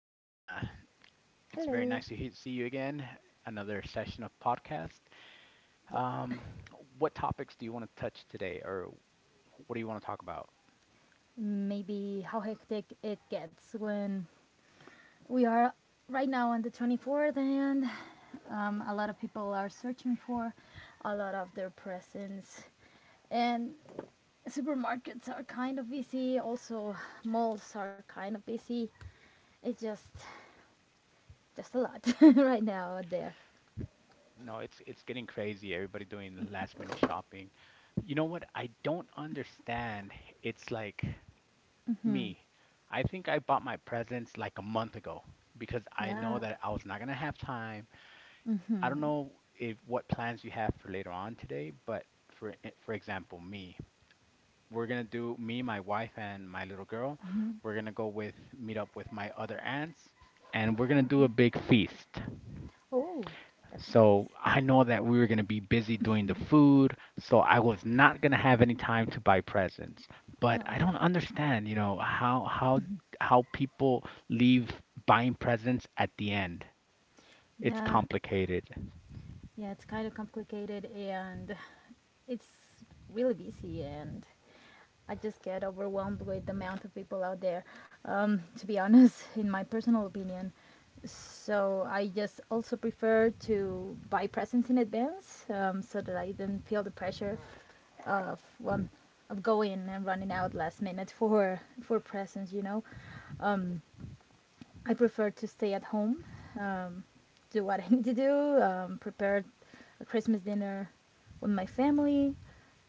Mariana, it's very nice Hello. to he- see you again. Another session of podcast. Yep. Um, what topics do you want to touch today, or what do you want to talk about? Maybe how hectic it gets when we are right now on the 24th and a lot of people are searching for a lot of their presents. And supermarkets are kind of busy, also malls are kind of busy. It's just a lot right now out there. No, it's getting crazy. Everybody doing last minute shopping. You know what? I don't understand. It's like me. I think I bought my presents like a month ago because I know Yeah. that I was not gonna have time. I don't know if what plans you have for later on today, but for example, me, we're gonna do me, my wife, and my little girl. We're gonna go with meet up with my other aunts, and we're gonna do a big feast. Oh, that's So nice. I know that we were gonna be busy doing the food, so I was not gonna have any time to buy presents. But I No. don't understand, you know, how people leave buying presents at the end. It's Yeah. complicated. Yeah, it's kind of complicated and it's really busy and I just get overwhelmed with the amount of people out there, to be honest, in my personal opinion. So I just also prefer to buy presents in advance so that I don't feel the pressure of, um, of going and running out last minute for presents, you know? I prefer to stay at home, um, do what I need to do, prepare a Christmas dinner with my family,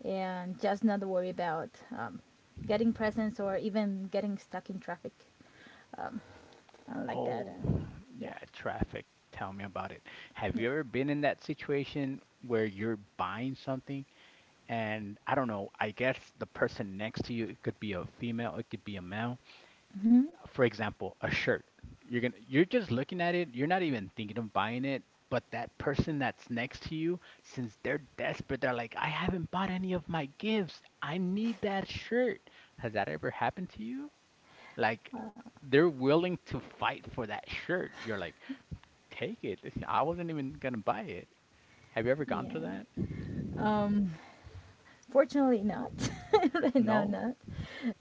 and just not worry about um, getting presents or even getting stuck in traffic. Um, I don't like that. Oh, And yeah, yeah, traffic. Tell me about it. Have yeah, you ever been in that situation where you're buying something and I don't know, I guess the person next to you, it could be a female, it could be a male. hmm, For example, a shirt. You're just looking at it, you're not even thinking of buying it, but that person that's next to you, since they're desperate, they're like, I haven't bought any of my gifts. I need that shirt. Has that ever happened to you? Like they're willing to fight for that shirt. You're like, take it. Listen, I wasn't even gonna buy it. Have you ever gone through yeah. that? Um, Fortunately, not. Right now, No? not.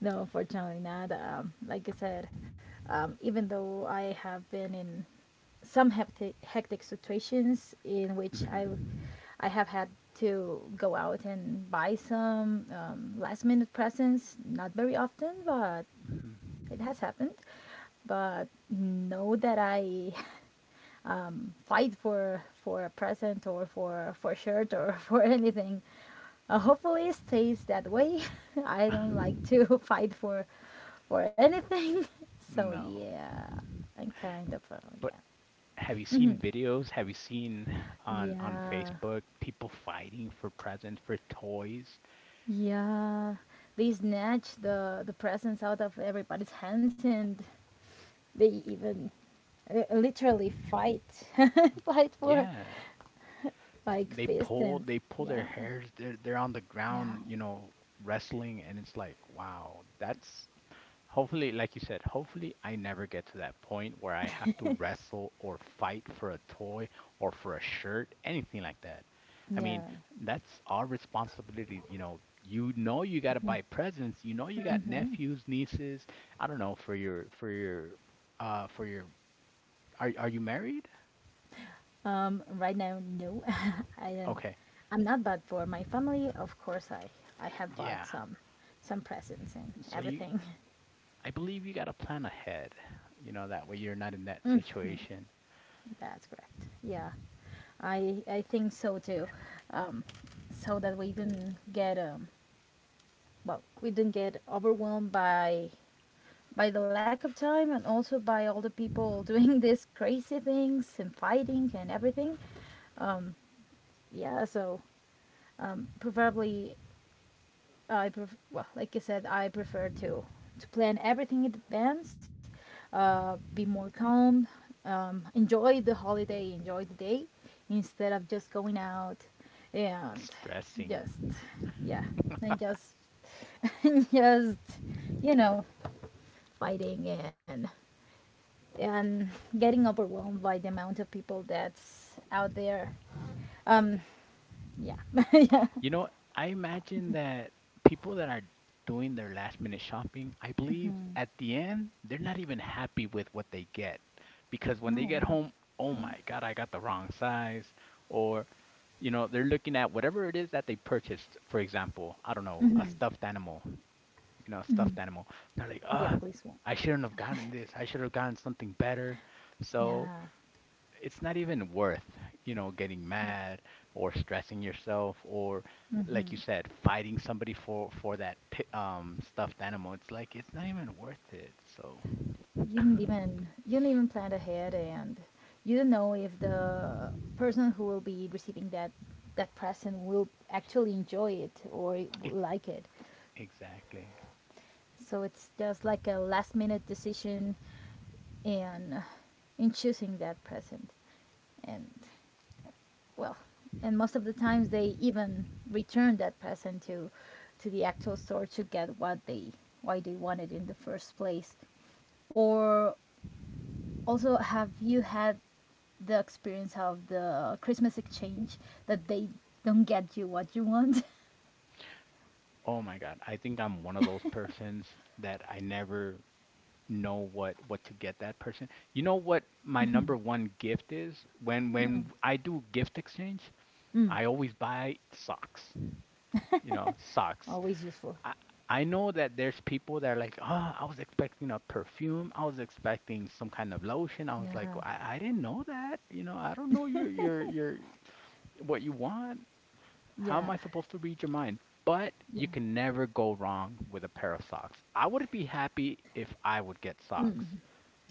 No, unfortunately, not. Like I said, even though I have been in some hectic, hectic situations in which I, hmm I have had to go out and buy some last minute presents. Not very often, but it has happened. But know that I fight for a present or for a shirt or for anything, hopefully it stays that way. I don't like hmm to fight for anything. So No. yeah, I'm kind of, But yeah, have you seen videos? Have you seen on yeah, Facebook people fighting for presents for toys? yeah. They snatch the presents out of everybody's hands, and they even literally fight, fight for, Yeah. like, They fist pull and they pull their yeah, hairs, they're on the yeah, ground, you know, wrestling and it's like, wow, that's hopefully, like you said, hopefully I never get to that point where I have to wrestle or fight for a toy or for a shirt, anything like that. I mean, yeah. that's our responsibility, you know. You know you got to buy presents. You know you got nephews, nieces, I don't know, for your are you married? Right now, no. I don't. Okay. I'm not bad for my family. Of course, I have bought Yeah. Some presents and So you everything. I believe you got to plan ahead. You know, that way you're not in that situation That's correct. Yeah, I think so too. Um, so that we don't get, well, we don't get overwhelmed by the lack of time and also by all the people doing these crazy things and fighting and everything. Yeah, so, preferably, well, like I said, I prefer to plan everything in advance, be more calm, enjoy the holiday, enjoy the day, instead of just going out and stressing. just yeah, and just, and just you know fighting and getting overwhelmed by the amount of people that's out there. Um, yeah, yeah, You know, I imagine that people that are doing their last minute shopping, I believe at the end, they're not even happy with what they get because when they no, get home, oh yeah, my God, I got the wrong size. Or, you know, they're looking at whatever it is that they purchased. For example, I don't know, a stuffed animal, a stuffed animal. They're like, the ah, ugliest one. I shouldn't have gotten this. I should have gotten something better. So, Yeah, it's not even worth, you know, getting mad or stressing yourself or like you said, fighting somebody for for that stuffed animal. It's like it's not even worth it. So you didn't even plan ahead, and you don't know if the person who will be receiving that present will actually enjoy it or it will ex- like it. exactly. So it's just like a last minute decision in in choosing that present, and, well, and most of the times they even return that present to the actual store to get what they, why they wanted in the first place. Or also, have you had the experience of the Christmas exchange that they don't get you what you want? Oh my God. I think I'm one of those persons that I never know what to get that person. You know what my number one gift is? When I do gift exchange, I always buy socks. You know, socks. Always useful. I I know that there's people that are like, oh, I was expecting a perfume. I was expecting some kind of lotion. I was like, Yeah. I didn't know that. You know, I don't know your what you want. How am Yeah. I supposed to read your mind? But you Yeah. can never go wrong with a pair of socks. I would be happy if I would get socks. Mm.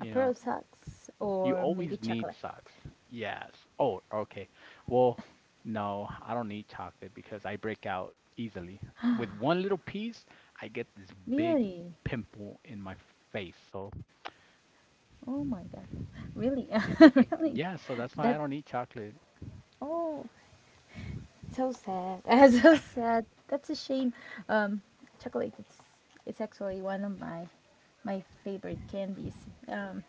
A pair know, of socks you or always maybe need chocolate. socks. Yes. Oh, okay. Well, no, I don't need chocolate because I break out easily. With one little piece, I get this big Really? pimple in my face. So, Oh my god. Really? Really? yeah, so that's why I That don't eat chocolate Oh, so sad. So sad. That's a shame. Um, Chocolate. It's actually one of my favorite candies. Um,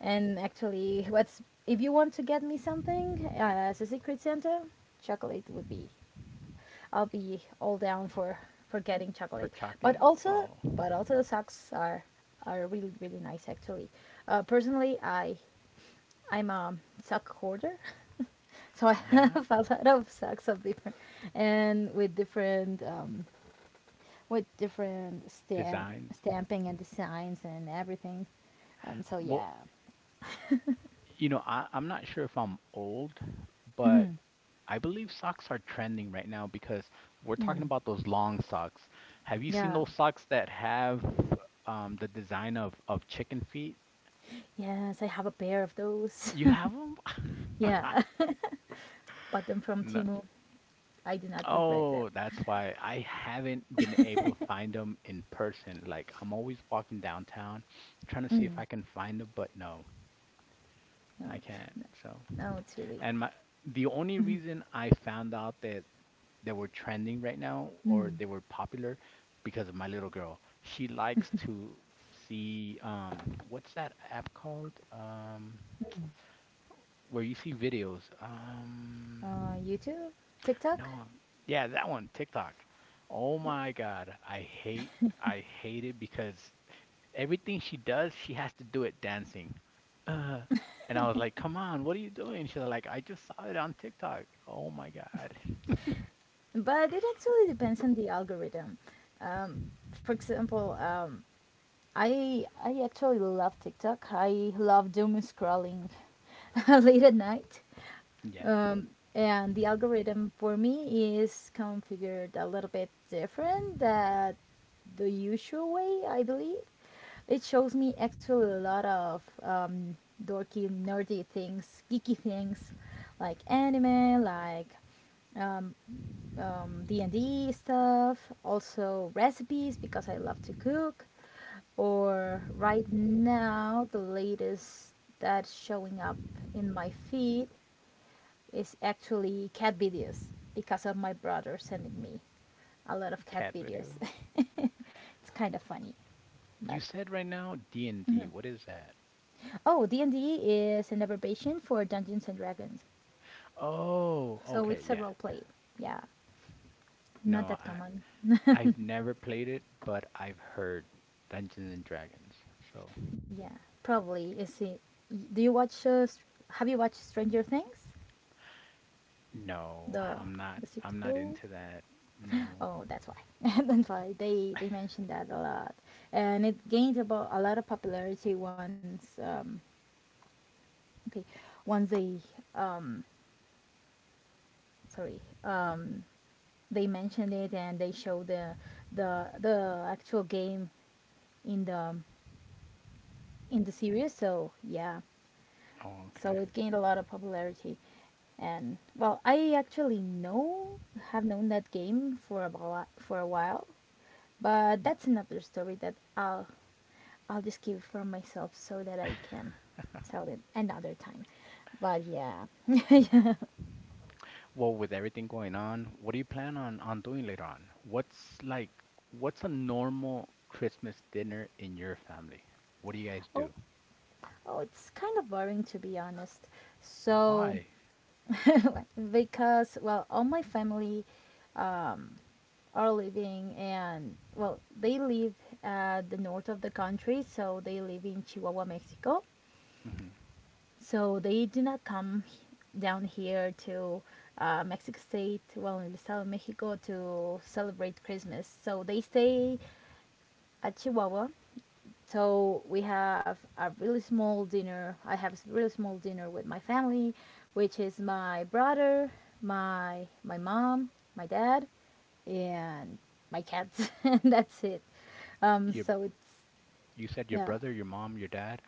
and actually, what's if you want to get me something, as a secret Santa, chocolate would be. I'll be all down for getting for chocolate. But chocolate. also, Oh, the socks are really, really nice actually. Personally, I'm a sock hoarder. So I yeah. have a lot of sacks of different, and with different stamp, Designs. stamping and designs and everything. So Well, yeah. you know, I'm not sure if I'm old, but Mhm, I believe socks are trending right now because we're talking mm, about those long socks. Have you seen yeah, those socks that have the design of chicken feet? yes, I have a pair of those. You have them? Yeah, bought them from No. Timu. I do not regret them. Oh, that's why I haven't been able to find them in person. Like, I'm always walking downtown trying to see if Mm. I can find them, but no, No, I can't. So, no, it's really and my the only reason I found out that were trending right now or mm. they were popular because of my little girl. She likes to see what's that app called? Where you see videos. YouTube, No, TikTok. yeah, that one, TikTok. Oh Yeah, my God, I hate it because everything she does, she has to do it dancing. Uh, and I was like, "Come on, what are you doing?" She's like, "I just saw it on TikTok." Oh my God. but it actually depends on the algorithm. Um, for example, I actually love TikTok. I love doom scrolling late at night. Yeah, Um, and the algorithm for me is configured a little bit different than the usual way, I believe. It shows me actually a lot of dorky, nerdy things, geeky things, like anime, like um, D&D stuff, also recipes because I love to cook. Or right now, the latest that's showing up in my feed is actually cat videos because of my brother sending me a lot of cat cat videos. videos. It's kind of funny, You but said right now D&D. What is that? oh, D and D is an abbreviation for Dungeons and Dragons, Oh, so okay, it's a yeah. role play. Yeah, not No, that I common. I've never played it, but I've heard Dungeons and Dragons. So, Yeah, probably. Is it? Do you watch? Have you watched Stranger Things? no, The I'm the not series? I'm not Oh, into that. No. oh, that's why. That's why they mentioned that a lot, and it gained about a lot of popularity once. Okay, once they, um sorry, they mentioned it and they showed the actual game in the series. So yeah, Oh, okay. so it gained a lot of popularity. And well, I actually know have known that game for a while, but Y- that's another story that I'll just keep for myself so that I can tell it another time. But yeah. Well, with everything going on, what do you plan on doing later on? What's like what's a normal Christmas dinner in your family? What do you guys Oh, do? oh, it's kind of boring to be honest. So Why? because, well, all my family um. are living, and, well, they live at the north of the country, so they live in Chihuahua, Mexico. Hmm So they do not come down here to, Mexico state, well, in the south of Mexico, to celebrate Christmas, so they stay at Chihuahua. So we have a really small dinner, I have a really small dinner with my family, which is my brother, my mom, my dad, and my cats, and that's it. Your So it's, you said your yeah, brother, your mom, your dad.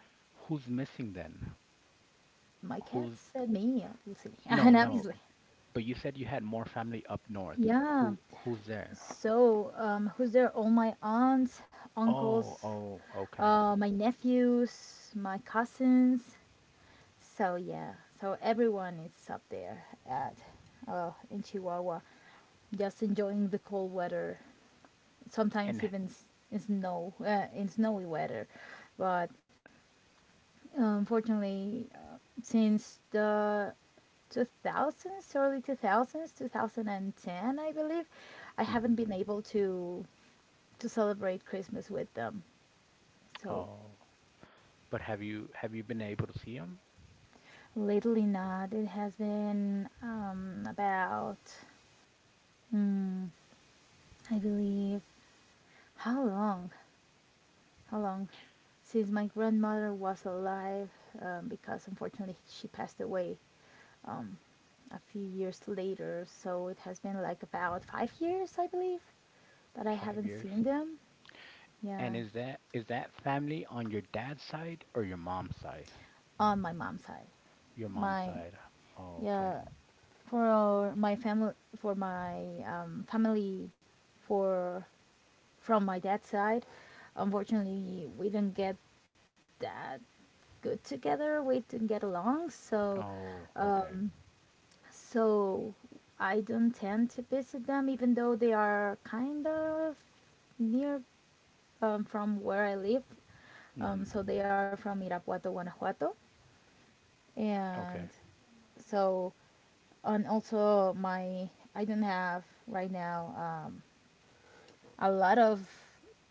Who's missing then? my Who's cats and me, obviously, no, and no, obviously, but you said you had more family up north. yeah. Who's there? So, who's there? All my aunts, Oh, uncles, oh, okay. My nephews, my cousins. So yeah, so everyone is up there at, well, in Chihuahua, just enjoying the cold weather. And Sometimes even in snowy weather. But unfortunately, since the 2000s, early 2000s, 2010, I believe, I haven't been mm able to celebrate Christmas with them. So oh, but have you been able to see them? lately, not. It has been, about, mm, I believe, how long? How long? Since my grandmother was alive, because unfortunately she passed away, um, a few years later. So it has been like about 5 years, I believe, that I Five haven't years. seen them. Yeah, And is that family on your dad's side or your mom's side? on my mom's side. Your mom's My side. Oh, okay. Yeah, for my family, um, family, for from my dad's side, unfortunately, we didn't get that good together. We didn't get along, so Oh, okay. so I don't tend to visit them, even though they are kind of near, from where I live. So hmm they are from Irapuato, Guanajuato, and Okay. so, and also, my, I don't have right now a lot of,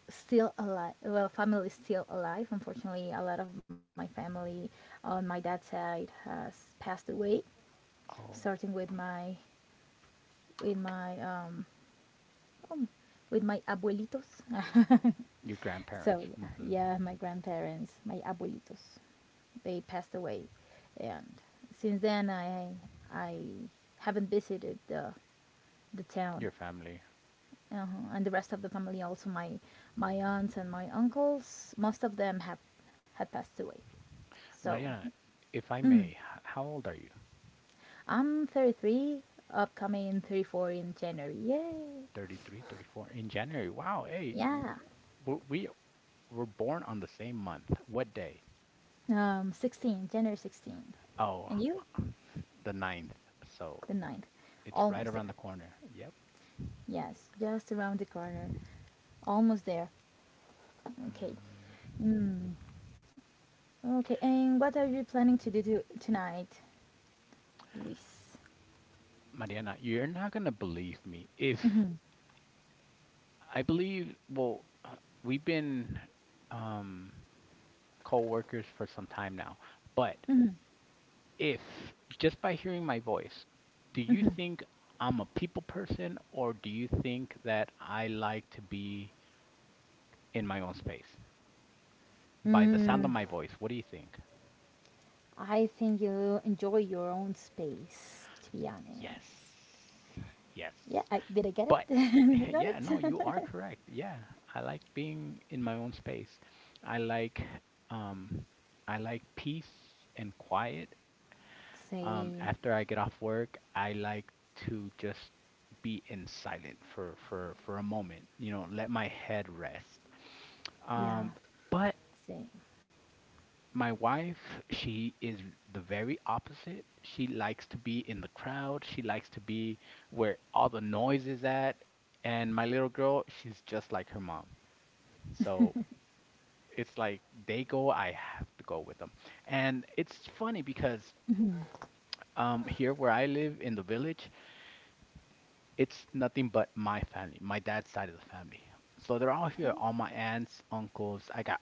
still alive. Well, family is still alive. Unfortunately, a lot of my family on my dad's side has passed away, Oh, starting with my, with my um, um with my, abuelitos. your grandparents. So yeah, Hmm yeah, my grandparents, my abuelitos, they passed away, and since then I haven't visited the town. Your family. Uh-huh. And the rest of the family, also my aunts and my uncles, most of them have had passed away. So Mariana, if I may, how old are you? I'm 33, upcoming 34 in January, yay. 33, 34. In January. Wow, hey, Yeah, we were born on the same month. What day? 16, January 16. Oh, And you, the ninth. So the ninth, it's right almost around the there. corner. Yep. Yes, just around the corner, almost there. Mm. Okay. Mm. Okay, and what are you planning to do tonight, Luis? Mariana, you're not gonna believe me. If Mm-hmm. I believe, well, we've been um, co-workers for some time now, but Mm-hmm. if just by hearing my voice, do you think I'm a people person or do you think that I like to be in my own space? By the sound of Mm-hmm. my voice, what do you think? I think you enjoy your own space, to be honest. Yes. Yes. Yeah, did I get it? But Did I got yeah, no, you it? are correct. Yeah, I like being in my own space. I like um I like peace and quiet. Same. After I get off work, I like to just be in silent for a moment, you know, let my head rest. Yeah, Um, but same. my wife, she is the very opposite. She likes to be in the crowd. She likes to be where all the noise is at. And my little girl, she's just like her mom. So it's like they go, I have to go with them. And it's funny because here where I live in the village, it's nothing but my family, my dad's side of the family. So they're all here, all my aunts, uncles. I got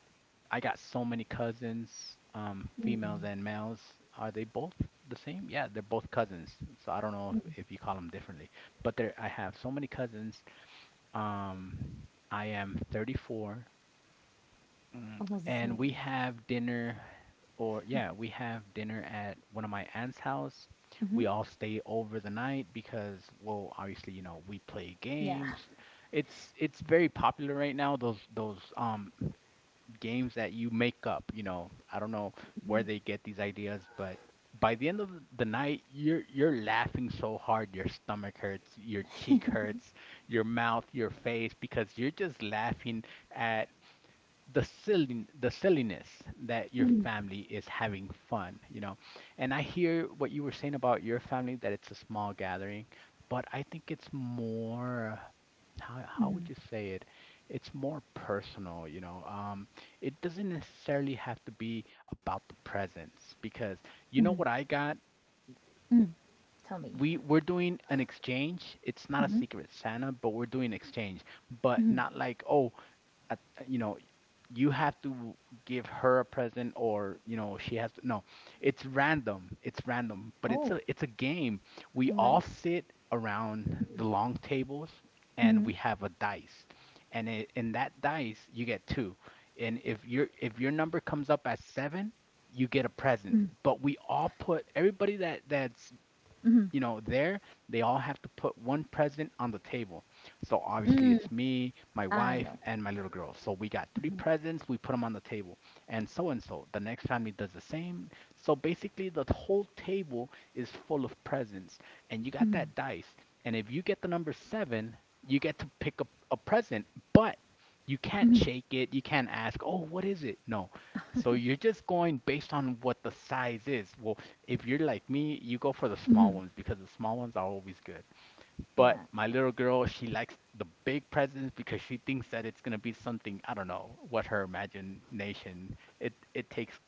I got so many cousins, females and males. Are they both the same? Yeah, they're both cousins. So I don't know if you call them differently, but there I have so many cousins. Um, I am 34. Mm, Almost the and we same. have dinner, or yeah, we have dinner at one of my aunt's house. Mm-hmm. We all stay over the night because, well, obviously, you know, we play Yeah, games. It's very popular right now, those games that you make up, you know. I don't know where they get these ideas, but by the end of the night, you're laughing so hard, your stomach hurts, your cheek hurts, your mouth, your face, because you're just laughing at the silliness that your family is having fun, you know. And I hear what you were saying about your family, that it's a small gathering, but I think it's more, how would you say it, it's more personal, you know. It doesn't necessarily have to be about the presents because you know what I got, tell me. we're doing an exchange. It's not a secret Santa, but we're doing exchange, but Hmm. not like, oh, at, you know, you have to give her a present or, you know, she has to. No, it's random, but Oh, it's a game. We I'm like, all sit around the long tables mm-hmm, and we have a dice, and in that dice you get two, and if your number comes up as seven, you get a mm-hmm, present. But we all put everybody that that's, mm-hmm, you know, there, they all have to put one present on the table. So obviously mm it's me, my I wife, know. and my little girl. So we got three presents, we put them on the table. And so, the next family does the same. So basically the whole table is full of presents. And you got Mm-hmm, that dice. And if you get the number seven, you get to pick up a present, but you can't shake it. You can't ask, oh, what is it? No. So you're just going based on what the size is. Well, if you're like me, you go for the small mm-hmm, ones because the small ones are always good. But yeah. my little girl, she likes the big presents because she thinks that it's gonna be something, I don't know, what her imagination it takes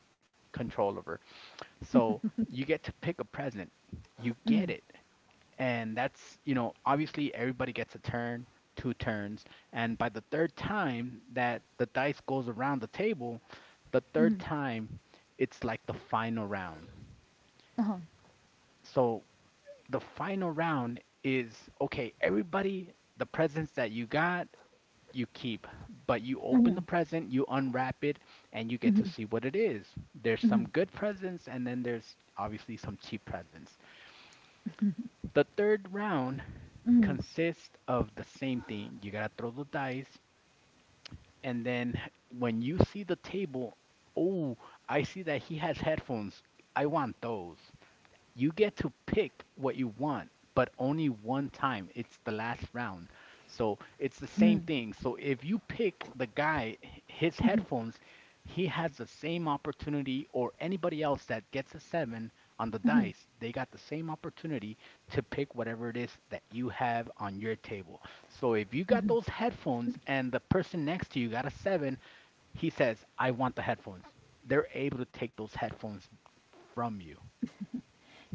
control of her. So you get to pick a present, you Mm-hmm, get it. And that's, obviously everybody gets a turn, two turns, and by the third time that the dice goes around the table, the third mm-hmm, time it's like the final round. uh-huh, So the final round is, okay, everybody, the presents that you got, you keep, but you open the present, you unwrap it, and you get to see what it is. There's some good presents, and then there's obviously some cheap presents. The third round mm-hmm, consists of the same thing. You gotta throw the dice, and then when you see the table, oh, I see that he has headphones. I want those. You get to pick what you want, but only one time. It's the last round. So it's the same thing. So if you pick the guy, his mm-hmm. headphones, he has the same opportunity, or anybody else that gets a seven on the dice, they got the same opportunity to pick whatever it is that you have on your table. So if you got those headphones and the person next to you got a seven, he says, I want the headphones. They're able to take those headphones from you.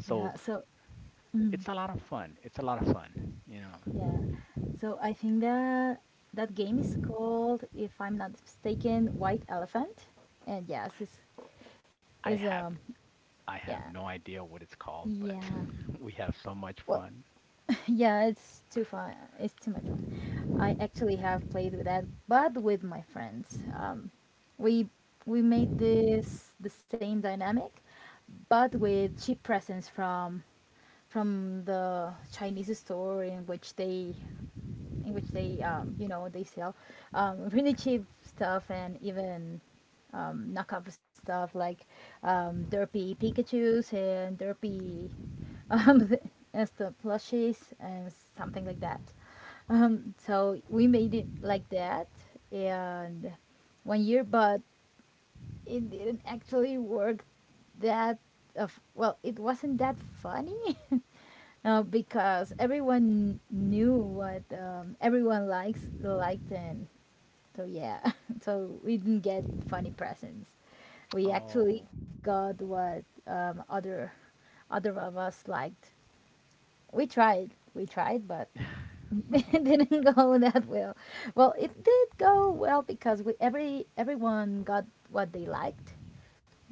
Yeah, so, it's a lot of fun. It's a lot of fun. Yeah. So I think that that game is called, if I'm not mistaken, White Elephant. And yes, it's, is I have I yeah. have no idea what it's called, but Yeah. we have so much Well, fun. yeah, it's too fun. It's too much fun. I actually have played with that, but with my friends. We we made this the same dynamic, but with cheap presents from the Chinese store in which they they sell really cheap stuff and even knockoff stuff like derpy Pikachu's and derpy um, and stuff plushies and something like that. So we made it like that and one year, but it didn't actually work that of well, it wasn't that funny. Because everyone knew what everyone likes liked and so yeah, so we didn't get funny presents. We actually Oh. got what other of us liked. We tried but it didn't go that well. Well, it did go well because we, every everyone got what they liked,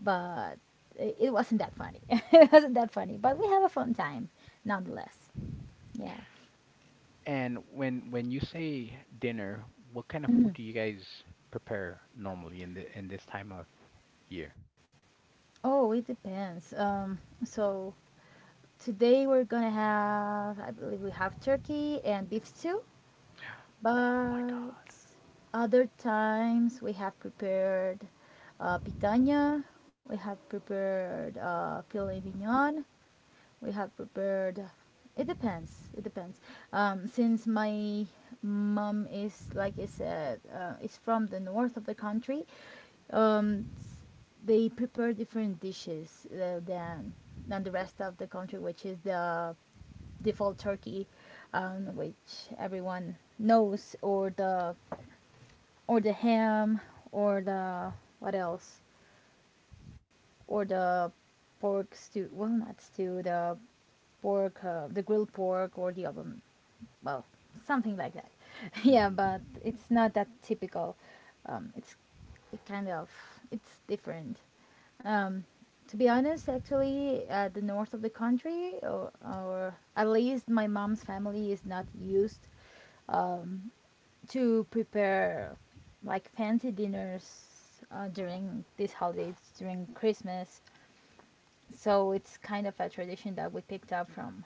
but it wasn't that funny. it wasn't that funny, but we have a fun time nonetheless, yeah. And when you say dinner, what kind of food do you guys prepare normally in the in this time of year? Oh, it depends. So today we're gonna have, I believe we have turkey and beef stew, Oh my but God. other times we have prepared picanha, we have prepared filet mignon, we have prepared. It depends. It depends. Since my mom is, like I said, is from the north of the country, um, they prepare different dishes than the rest of the country, which is the default turkey, which everyone knows, or the ham, or the what else, or the pork stew. Well, not stew. The pork, the grilled pork, or the oven, well, something like that. yeah, Mm-hmm. but it's not that typical. It's it kind of it's different. Um, to be honest, actually, the north of the country, or at least my mom's family, is not used um, to prepare like fancy dinners during these holidays, during Christmas. So it's kind of a tradition that we picked up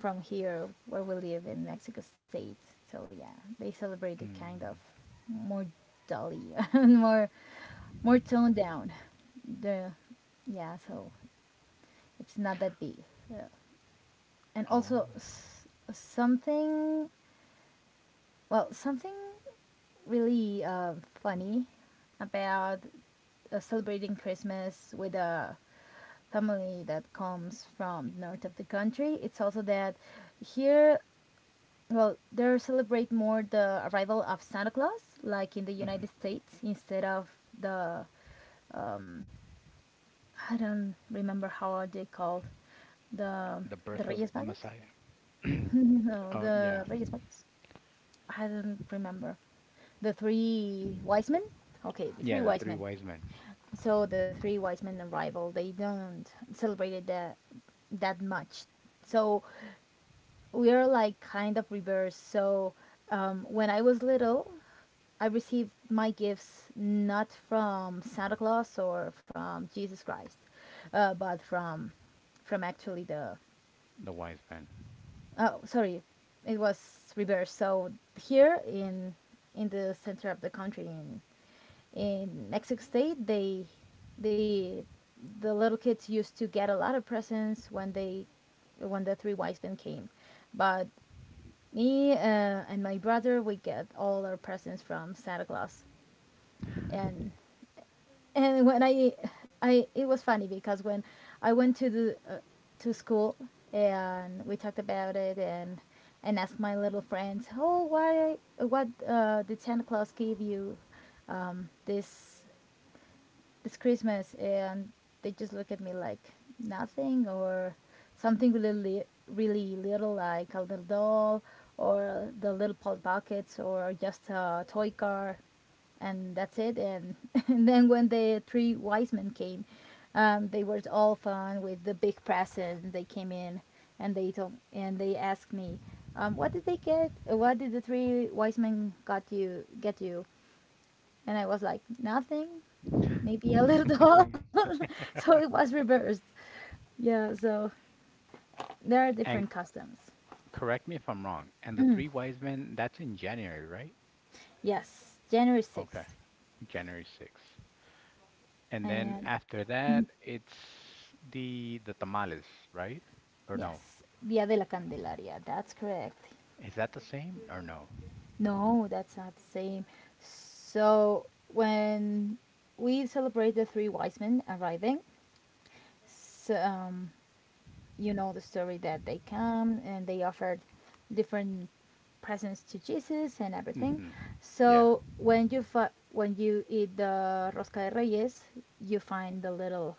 from here where we live in Mexico State. So yeah, they celebrate it kind of Mm. more dully and more more toned down. The yeah, so it's not that big. Yeah. And Oh. also s- something well, something really funny about celebrating Christmas with a family that comes from north of the country. It's also that here. Well, they celebrate more the arrival of Santa Claus, like in the Mhm. United States, instead of the um, I don't remember how are they called, the The the birth of Reyes the Magos. Messiah. no, Oh yeah. the Reyes Magos. I don't remember. The three wise men. Okay, the three Yeah, the wise three men. wise men. So the three wise men arrival. They don't celebrate it that much. So we are like kind of reverse. So when I was little, I received my gifts not from Santa Claus or from Jesus Christ, but from actually the The wise men. oh, sorry, it was reverse. So here in the center of the country in Mexico State, they the the little kids used to get a lot of presents when they when the three wise men came, but me and my brother, we get all our presents from Santa Claus, and and when I it was funny because when I went to the to school and we talked about it and asked my little friends, oh, why what did Santa Claus give you this, it's Christmas. And they just look at me like nothing, or something really li- really little, like a little doll or the little pot buckets or just a toy car, and that's it. And and then when the three wise men came they were all fun with the big present they came in, and they told and they asked me what did they get, what did the three wise men got you get you. And I was like nothing, maybe a little doll. so it was reversed. Yeah, so there are And different customs. correct me if I'm wrong. And the three wise men, that's in January, right? Yes, January Okay. 6th. January 6th. And then And after that, it's the tamales, right? Or no? yes, Dia de la Candelaria. That's correct. Is that the same or no? No, that's not the same. So when we celebrate the three wise men arriving, so, you know the story that they come and they offered different presents to Jesus and everything. Hmm. Yeah. So when you fi- when you eat the rosca de reyes, you find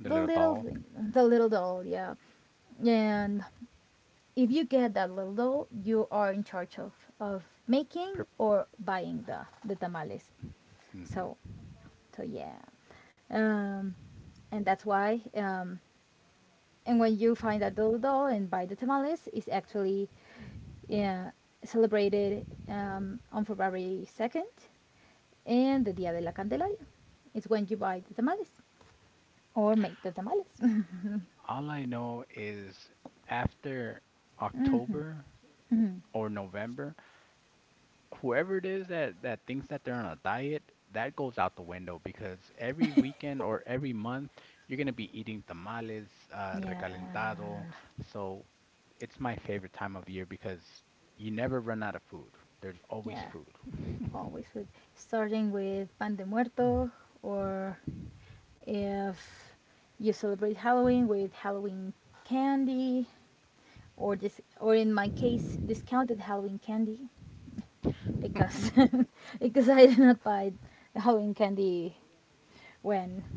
The the little little doll. thing, the little doll, yeah. And if you get that little doll, you are in charge of making Purp or buying the tamales. hmm So so yeah, um, and that's why and when you find a dildo and buy the tamales, it's actually yeah, celebrated on February 2nd and the Dia de la Candelaria. It's when you buy the tamales or make the tamales. All I know is, after October or November, whoever it is that thinks that they're on a diet, that goes out the window because every weekend or every month you're gonna be eating tamales, yeah, recalentado. So it's my favorite time of year because you never run out of food. There's always yeah, food. always with, starting with Pan de Muerto, or if you celebrate Halloween with Halloween candy, or this, or in my case discounted Halloween candy, because because I did not buy Halloween candy when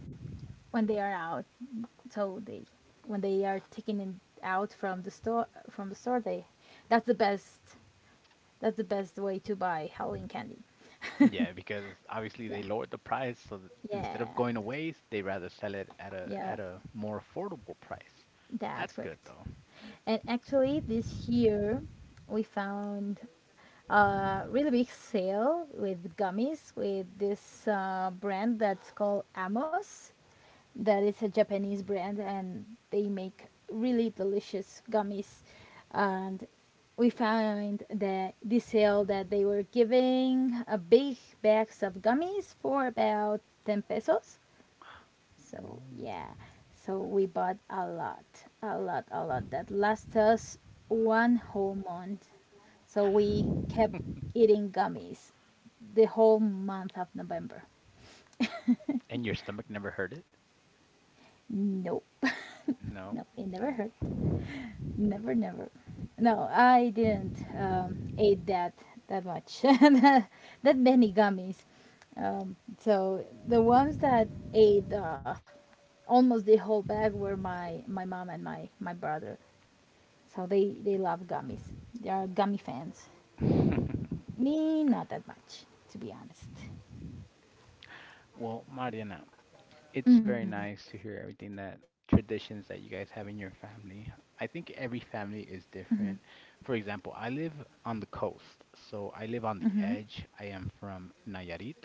when they are out. So they when they are taken in, out from the store, they that's the best, that's the best way to buy Halloween candy. Yeah, because obviously they Yeah, lowered the price, so that instead of yeah, going to waste, they rather sell it at a yeah. at a more affordable price. That's That's good correct. though. And actually, this year we found a really big sale with gummies with this brand that's called Amos, that is a Japanese brand, and they make really delicious gummies. And we found that the sale that they were giving a big bags of gummies for about 10 pesos. So Ooh. yeah, so we bought a lot, a lot, a lot that last us one whole month. So we kept eating gummies the whole month of November. And your stomach never hurt it? Nope. No, No? it never hurt. Oh. Never, never. No, I didn't eat that much. that many gummies. So the ones that ate almost the whole bag were my my mom and my brother. So they love gummies. They are gummy fans. Me, not that much, to be honest. Well, Mariana, it's Mm, very nice to hear everything that traditions that you guys have in your family. I think every family is different. For example, I live on the coast, so I live hmm. on the edge. I am from Nayarit.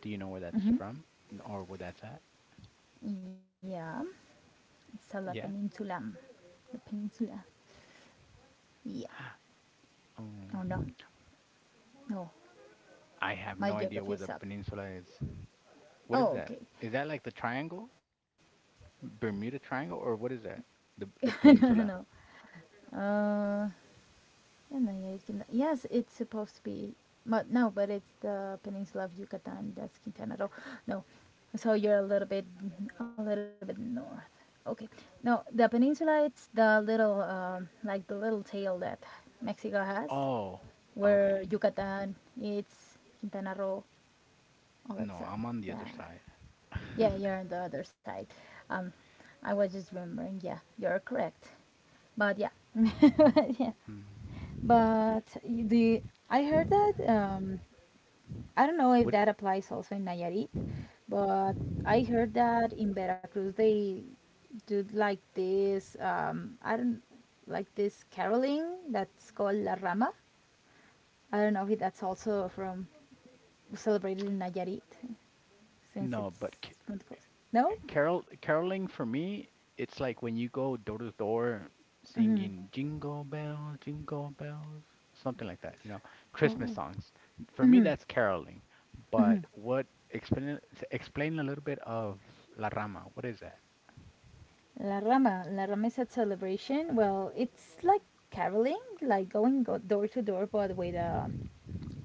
Do you know where that's from or where that's at? Yeah, it's a la Yeah. peninsula. The peninsula. Yeah. Um, Or not. No. I have no My idea where the geography is up. peninsula is. What is that? Oh, okay. Is that like the triangle? Bermuda Triangle or what is that? The no, peninsula. no, no. Uh, and then yes, it's supposed to be, but no, but it's the peninsula of Yucatan. That's Quintana Roo. No, so you're a little bit north. Okay, no, the peninsula. It's the little, like the little tail that Mexico has, Oh, okay. where Yucatan, it's Quintana Roo, all that No, stuff. I'm on the Yeah, other side. yeah, you're on the other side. Um, I was just remembering. Yeah, you're correct. But yeah, yeah. Mm. But the I heard that I don't know if Would that applies also in Nayarit, but I heard that in Veracruz they do like this I don't, like this caroling that's called La Rama. I don't know if that's also from celebrated in Nayarit, since no, but c- it's from the coast. No? carol caroling for me, it's like when you go door to door Hmm. singing Jingle Bells, Jingle Bells, something like that, Christmas Oh, songs. For me, hmm, that's caroling. hmm. But what explain explain a little bit of La Rama. What is that? La Rama. La Rama is a celebration. Well, it's like caroling, like going go- door to door, but with a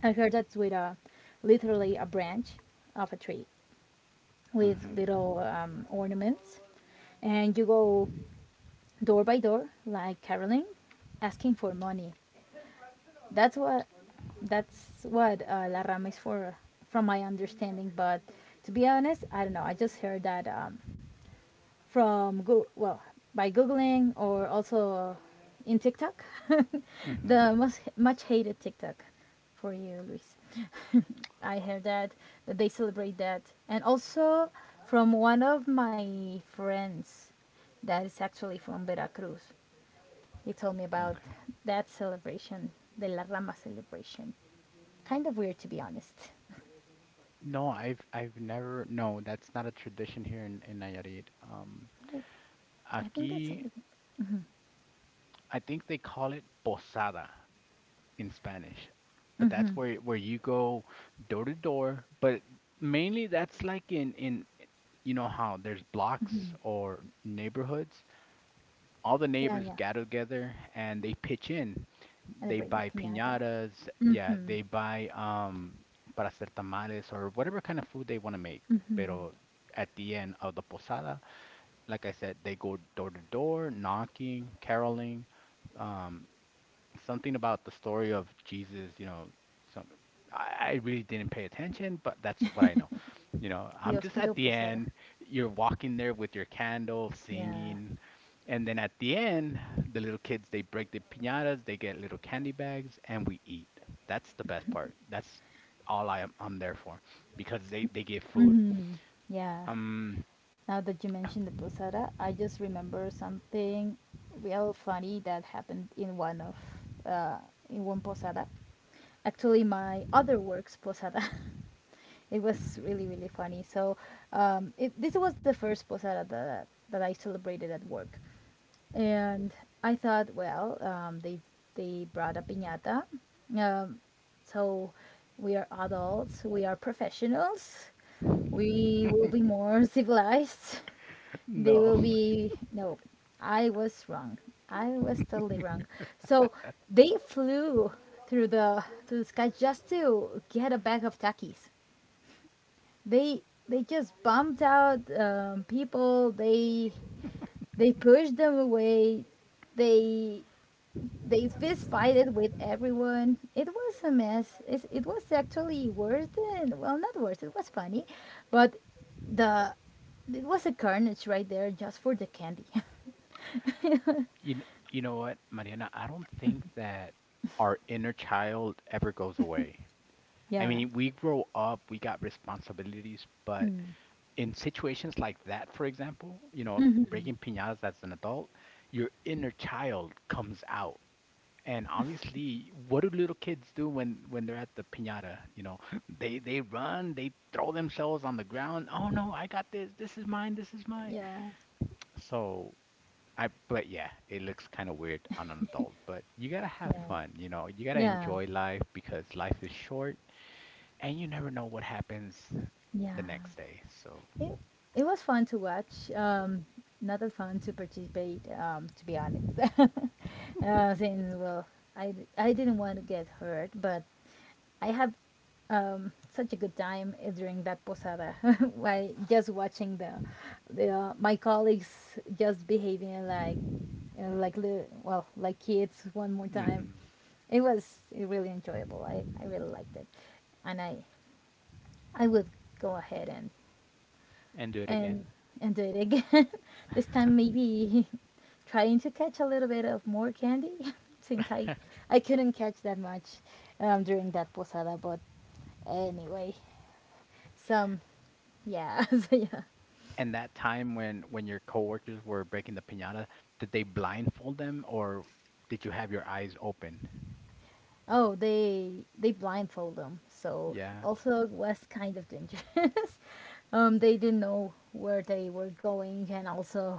I heard that's with a literally a branch of a tree with Mm-hmm. little ornaments, and you go door by door like caroling, asking for money. That's what that's what la rama is for, from my understanding. But to be honest, I don't know. I just heard that from Go- well, by googling, or also in TikTok, Mm-hmm. the most much hated TikTok for you, Luis. I heard that they celebrate that, and also from one of my friends that is actually from Veracruz. He told me about Okay. that celebration, the La Rama celebration. Kind of weird, to be honest. No, I've never. No, that's not a tradition here in Nayarit. I think that's aquí, something. I think they call it posada in Spanish, but that's Mm-hmm. where you go door to door. But mainly that's like in you know how there's blocks or neighborhoods. All the Yeah, neighbors yeah. gather together and they pitch in. They Celebrate the buy piñata. piñatas, yeah, Mm-hmm. they buy para hacer tamales or whatever kind of food they want to make. Pero at the end of the posada, like I said, they go door to door, knocking, caroling, um, something about the story of Jesus, some I really didn't pay attention, but that's what I know. I'm Dios just, at pido the posada. end, you're walking there with your candle, Yeah. singing, and then at the end, the little kids they break the piñatas, they get little candy bags, and we eat. That's the best part. That's all I'm there for, because they give food. Mhm. Yeah. Um, Now that you mentioned the posada, I just remember something real funny that happened in one of uh, in one posada. Actually, my other work's posada. it was really really funny. So it, this was the first posada that that I celebrated at work. And I thought, well, they brought a piñata, um, so we are adults, we are professionals, we will be more civilized. They will no. be no, I was wrong. I was totally wrong. So they flew through the sky just to get a bag of takis. They they just bumped out people. They pushed them away. They they fist fighted with everyone. It was a mess. It was actually worse than, well, not worse. It was funny, but the it was a carnage right there just for the candy. You kn- you know what, Mariana? I don't think that our inner child ever goes away. I Yeah. mean, we grow up, we got responsibilities, but in situations like that, for example, Hmm. breaking piñatas as an adult, your inner child comes out. And obviously, what do little kids do when they're at the piñata? They run, they throw themselves on the ground. Oh no, I got this. This is mine. This is mine. Yeah, So I but yeah, it looks kind of weird on an adult, but you gotta have yeah, fun, you know. You gotta yeah, enjoy life because life is short and you never know what happens the yeah. next day. So. It it was fun to watch. Not that fun to participate. To be honest, since well, I d- I didn't want to get hurt, but I had such a good time eh, during that posada by just watching the my colleagues just behaving like li- well like kids one more time. Mhm. It was really enjoyable. I really liked it, and I would go ahead and And do it again. and and do it again. this time maybe trying to catch a little bit of more candy, since I couldn't catch that much during that posada. But anyway, some yeah, so yeah. And that time when your coworkers were breaking the piñata, did they blindfold them or did you have your eyes open? Oh, they blindfold them, so Yeah. also it was kind of dangerous. They didn't know where they were going, and also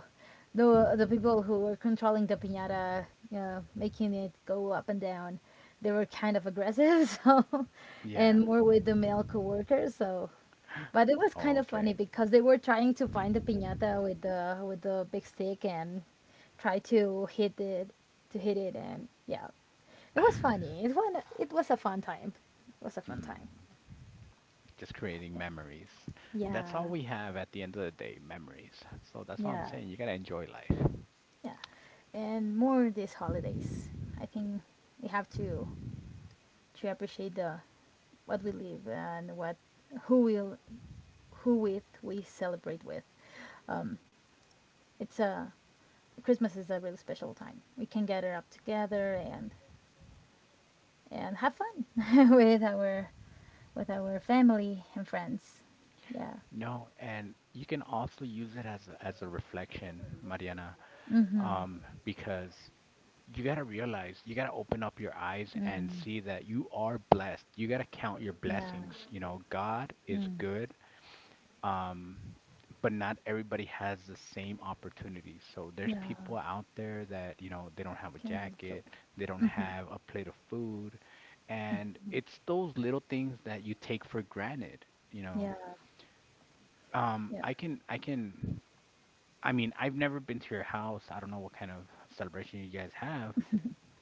the people who were controlling the piñata, making it go up and down, they were kind of aggressive. So, Yeah. and more with the male coworkers, so but it was Oh, kind of okay. funny because they were trying to find the piñata with the big stick and try to hit it and yeah. It was funny. It was a fun time. It was a fun Mm. time. Just creating memories. That's all Yeah. we have at the end of the day, memories. So that's all I'm Yeah. saying. You gotta enjoy life. Yeah. And more these holidays. I think we have to appreciate the what we live and what who will who with we celebrate with. Um, it's a Christmas is a really special time. We can gather up together and have fun with our family and friends. Yeah. No, and you can also use it as as a reflection, Mariana, Mm-hmm. Because you gotta realize, you gotta open up your eyes and Mm. see that you are blessed. You gotta count your Yeah. blessings. God is Mm. good, um, but not everybody has the same opportunities. So there's Yeah. people out there that, they don't have a Can enjoy. jacket, they don't Mm-hmm. have a plate of food, and it's those little things that you take for granted, you Yeah. know. Yeah. I can, I mean, I've never been to your house. I don't know what kind of celebration you guys have.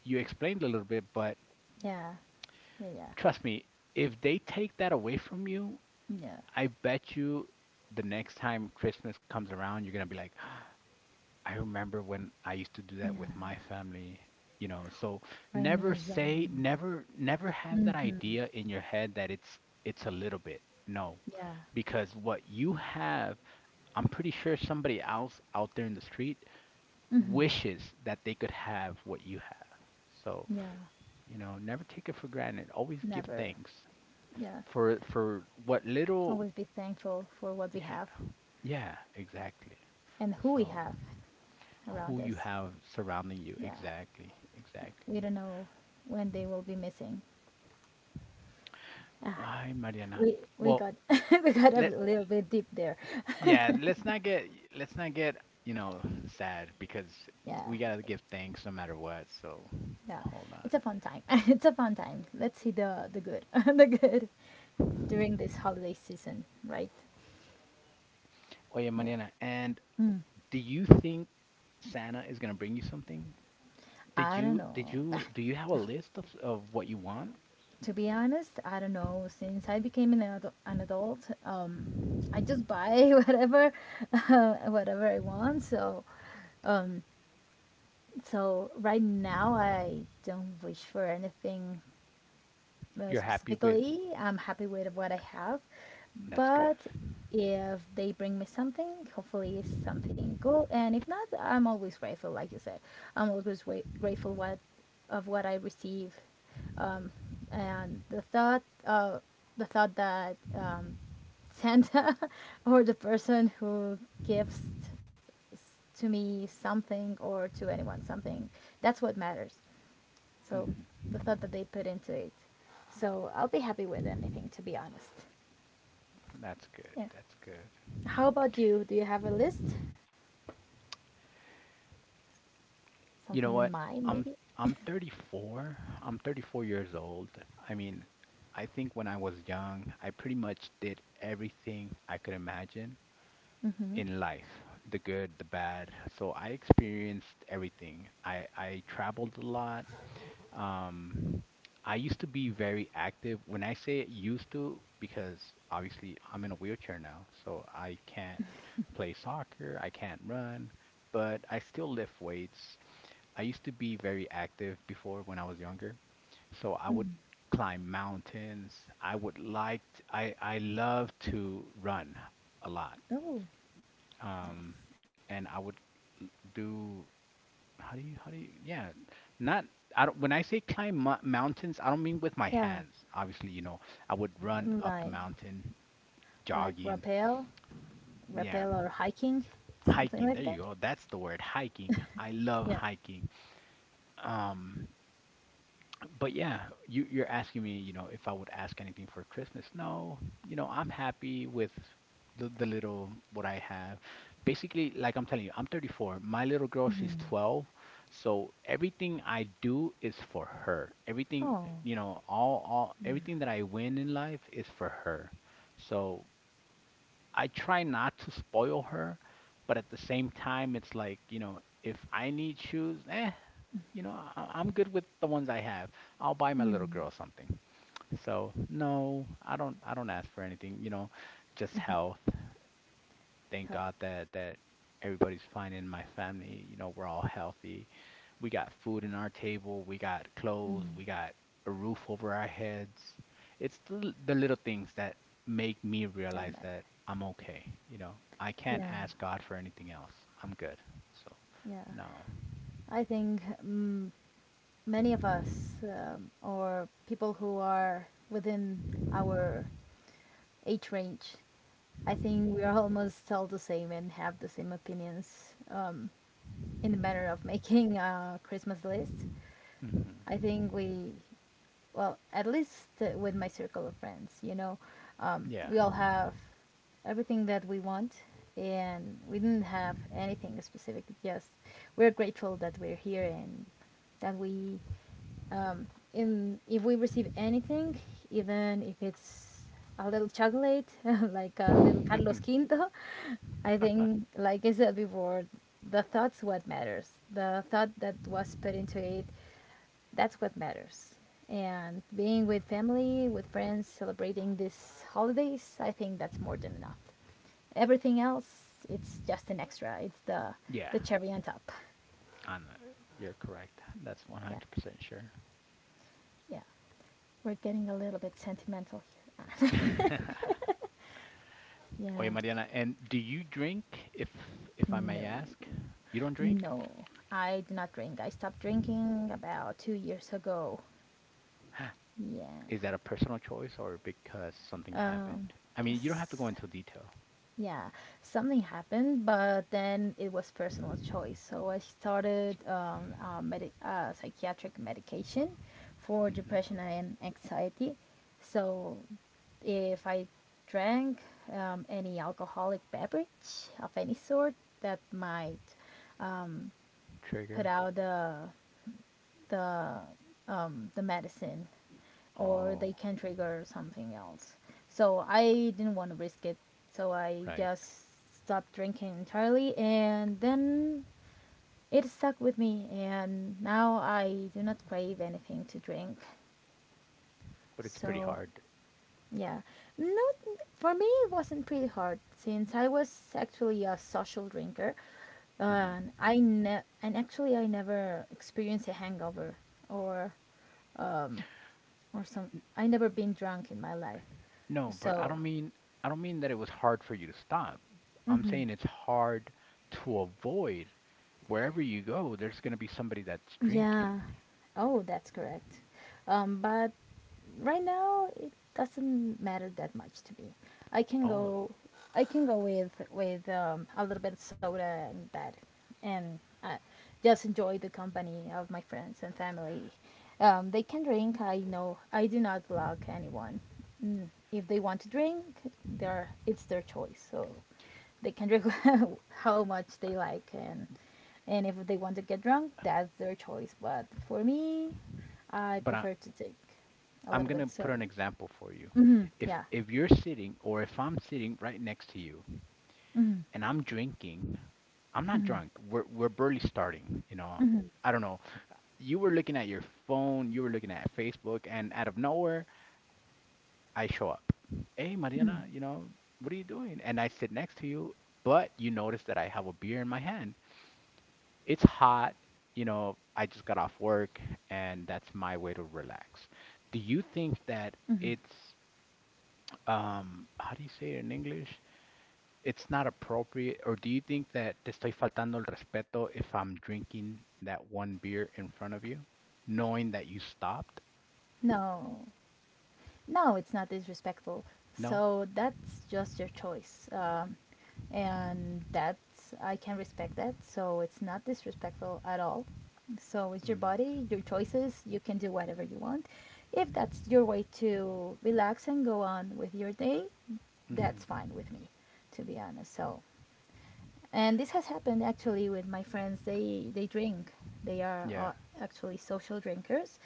You explained a little bit, but Yeah. Yeah. Yeah. trust me, if they take that away from you, Yeah. I bet you the next time Christmas comes around, you're gonna be like, I remember when I used to do Yeah. that with my family. So, never say, Raimism. never, never have that Mm-hmm. idea in your head that it's a little bit. No, Yeah. because what you have, I'm pretty sure somebody else out there in the street Mm-hmm. wishes that they could have what you have. So, Yeah. Never take it for granted. Always give Never. thanks Yeah. for what little, Always be thankful for what we yeah, have yeah, exactly. and who we So, have around who you us. have surrounding you. Yeah. Exactly, We exactly. don't know when they will be missing. Ah, Ay, Mariana. We Well, got We got a let little bit deep there. yeah, let's not get, you know, sad, because Yeah, we gotta give thanks no matter what. So yeah. hold It's a on. fun time. It's a fun time. Let's see the good the good during this holiday season, right? Oh yeah, Yeah. Mariana, and Mm. do you think Santa is gonna bring you something? I don't Did know. you do you have a list of what you want? To be honest, I don't know. Since I became an adult, I just buy whatever I want. So right now I don't wish for anything You're happy with? specifically. I'm happy with what I have, That's good. but if they bring me something, hopefully it's something good. And if not, I'm always grateful, like you said. I'm always grateful what I receive, um, and the thought that Santa or the person who gives to me something or to anyone something, that's what matters. So hmm the thought that they put into it. So I'll be happy with anything, to be honest. That's good. Yeah. That's good. How about you? Do you have a list? You Something know in what? mind, I'm maybe? I'm 34. I'm 34 years old. I mean, I think when I was young, I pretty much did everything I could imagine Mm-hmm. in life, the good, the bad. So I experienced everything. I traveled a lot. Um, I used to be very active. When I say used to, because obviously I'm in a wheelchair now, so I can't play soccer, I can't run, but I still lift weights. I used to be very active before when I was younger. So I would climb mountains. I would like t I love to run a lot. Oh, nice. Um, and I would l- do how do you yeah, not I don't when I say climb mo mountains, I don't mean with my Yeah. hands. Obviously, I would run Mm. up the Like mountain, like jogging. rappel, Yeah, rappel or hiking, something hiking. There like you that. go. That's the word, hiking. I love Yeah. hiking. Um, but yeah, you're asking me, if I would ask anything for Christmas. No, I'm happy with the little what I have. Basically, like I'm telling you, I'm 34. My little girl, she's 12. So everything I do is for her. Everything, Oh, all everything that I win in life is for her. So I try not to spoil her, but at the same time, it's like, if I need shoes, I'm good with the ones I have. I'll buy my little girl something. So no, I don't ask for anything, you know, just health. Thank help. God that everybody's fine in my family. You know, we're all healthy. We got food in our table. We got clothes. We got a roof over our heads. It's the little things that make me And realize my. that I'm okay. You know, I can't Yeah, ask God for anything else. I'm good. So, yeah. no. I think many of us, or people who are within our age range. I think we are almost all the same and have the same opinions in the matter of making a Christmas list. I Hmm. think we, well, at least with my circle of friends, Yeah. we all have everything that we want and we didn't have anything specific, just we're grateful that we're here and that we um, in if we receive anything, even if it's a little chocolate, like a little Carlos Quinto. I think, like I said before, the thought's what matters. The thought that was put into it, that's what matters. And being with family, with friends, celebrating these holidays, I think that's more than enough. Everything else, it's just an extra. It's the Yeah. the cherry on top. I'm, you're correct. That's Yeah, 100% sure. yeah. We're getting a little bit sentimental here. Oye, Yeah. Mariana, and do you drink, if if I may No. ask? You don't drink? No, I do not drink. I stopped drinking about 2 years ago. Yeah. Is that a personal choice or because something Um. happened? I mean, you don't have to go s- into detail. Yeah. Something happened, but then it was personal choice. So I started psychiatric medication for Hmm. depression and anxiety. So if I drank any alcoholic beverage of any sort, that might um, put Trigger. out the the medicine, or they Oh, can trigger something else. So I didn't want to risk it. So I right. just stopped drinking entirely, and then it stuck with me, and now I do not crave anything to drink. But it's pretty So hard. yeah. No, for me it wasn't pretty hard, since I was actually a social drinker. Hmm. And actually I never experienced a hangover, or or some. I never been drunk in my life, No, but so. I don't mean that it was hard for you to stop. I'm Mhm. saying it's hard to avoid. Wherever you go, there's gonna be somebody that's Yeah. drinking. Oh, that's correct. But right now it doesn't matter that much to me. I can Oh, go, I can go with a little bit of soda and that, and just enjoy the company of my friends and family. They can drink. I know. I do not block anyone. If they want to drink, they are. It's their choice. So they can drink how much they like, and if they want to get drunk, that's their choice, but for me I but I, prefer to take a I'm little gonna bit put an sorted. example for you. If Yeah. if you're sitting or if I'm sitting right next to you and I'm drinking, I'm not drunk. We're barely starting, you know. I don't know. You were looking at your phone, you were looking at Facebook, and out of nowhere, I show up. Hey, Mariana, you know, what are you doing? And I sit next to you, but you notice that I have a beer in my hand. It's hot, you know, I just got off work, and that's my way to relax. Do you think that it's how do you say it in English? It's not appropriate, or do you think that te estoy faltando el respeto if I'm drinking that one beer in front of you, knowing that you stopped? No. No, it's not disrespectful. So No? that's just your choice. And that's, I can respect that. So it's not disrespectful at all. So it's your Mm, body, your choices. You can do whatever you want. If that's your way to relax and go on with your day, that's hmm. fine with me, to be honest. So, and this has happened actually with my friends. They drink. They are Yeah. Actually social drinkers,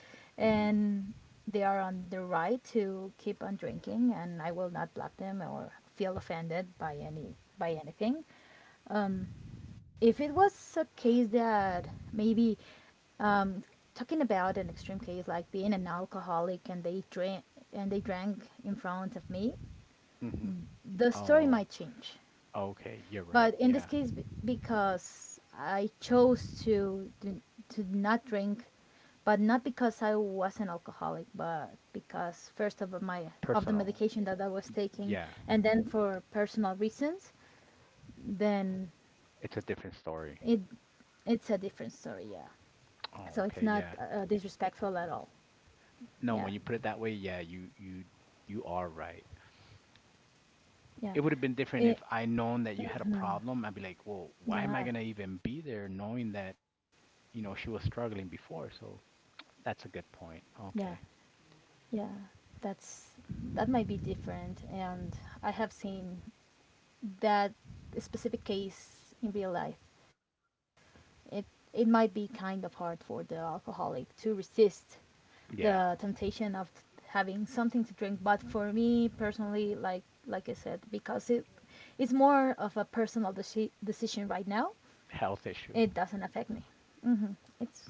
Hmm. and they are on the right to keep on drinking, and I will not block them or feel offended by anything. If it was a case that maybe um, talking about an extreme case like being an alcoholic, and they drank in front of me, Hmm. the story Oh, might change. okay. You're right. But in this Yeah. case, because I chose to not drink, but not because I was an alcoholic, but because first of the Personal. medication that I was taking, Yeah. and then for personal reasons, then It's a different it story. it's a different story. Yeah, so it's Oh, not okay. Yeah. Disrespectful at all. No, Yeah, when you put it that way, yeah, you you are right. yeah, It would have been different it, if I known that you had a problem. I'd be like, well, why am I yeah, gonna even be there knowing that, you know, she was struggling before? So that's a good point. yeah, Okay. yeah. That's that might be different, and I have seen that specific case in real life. It it might be kind of hard for the alcoholic to resist Yeah. the temptation of having something to drink. But for me personally, like I said, because it's more of a personal decision right now, Health issue. it doesn't affect me. It's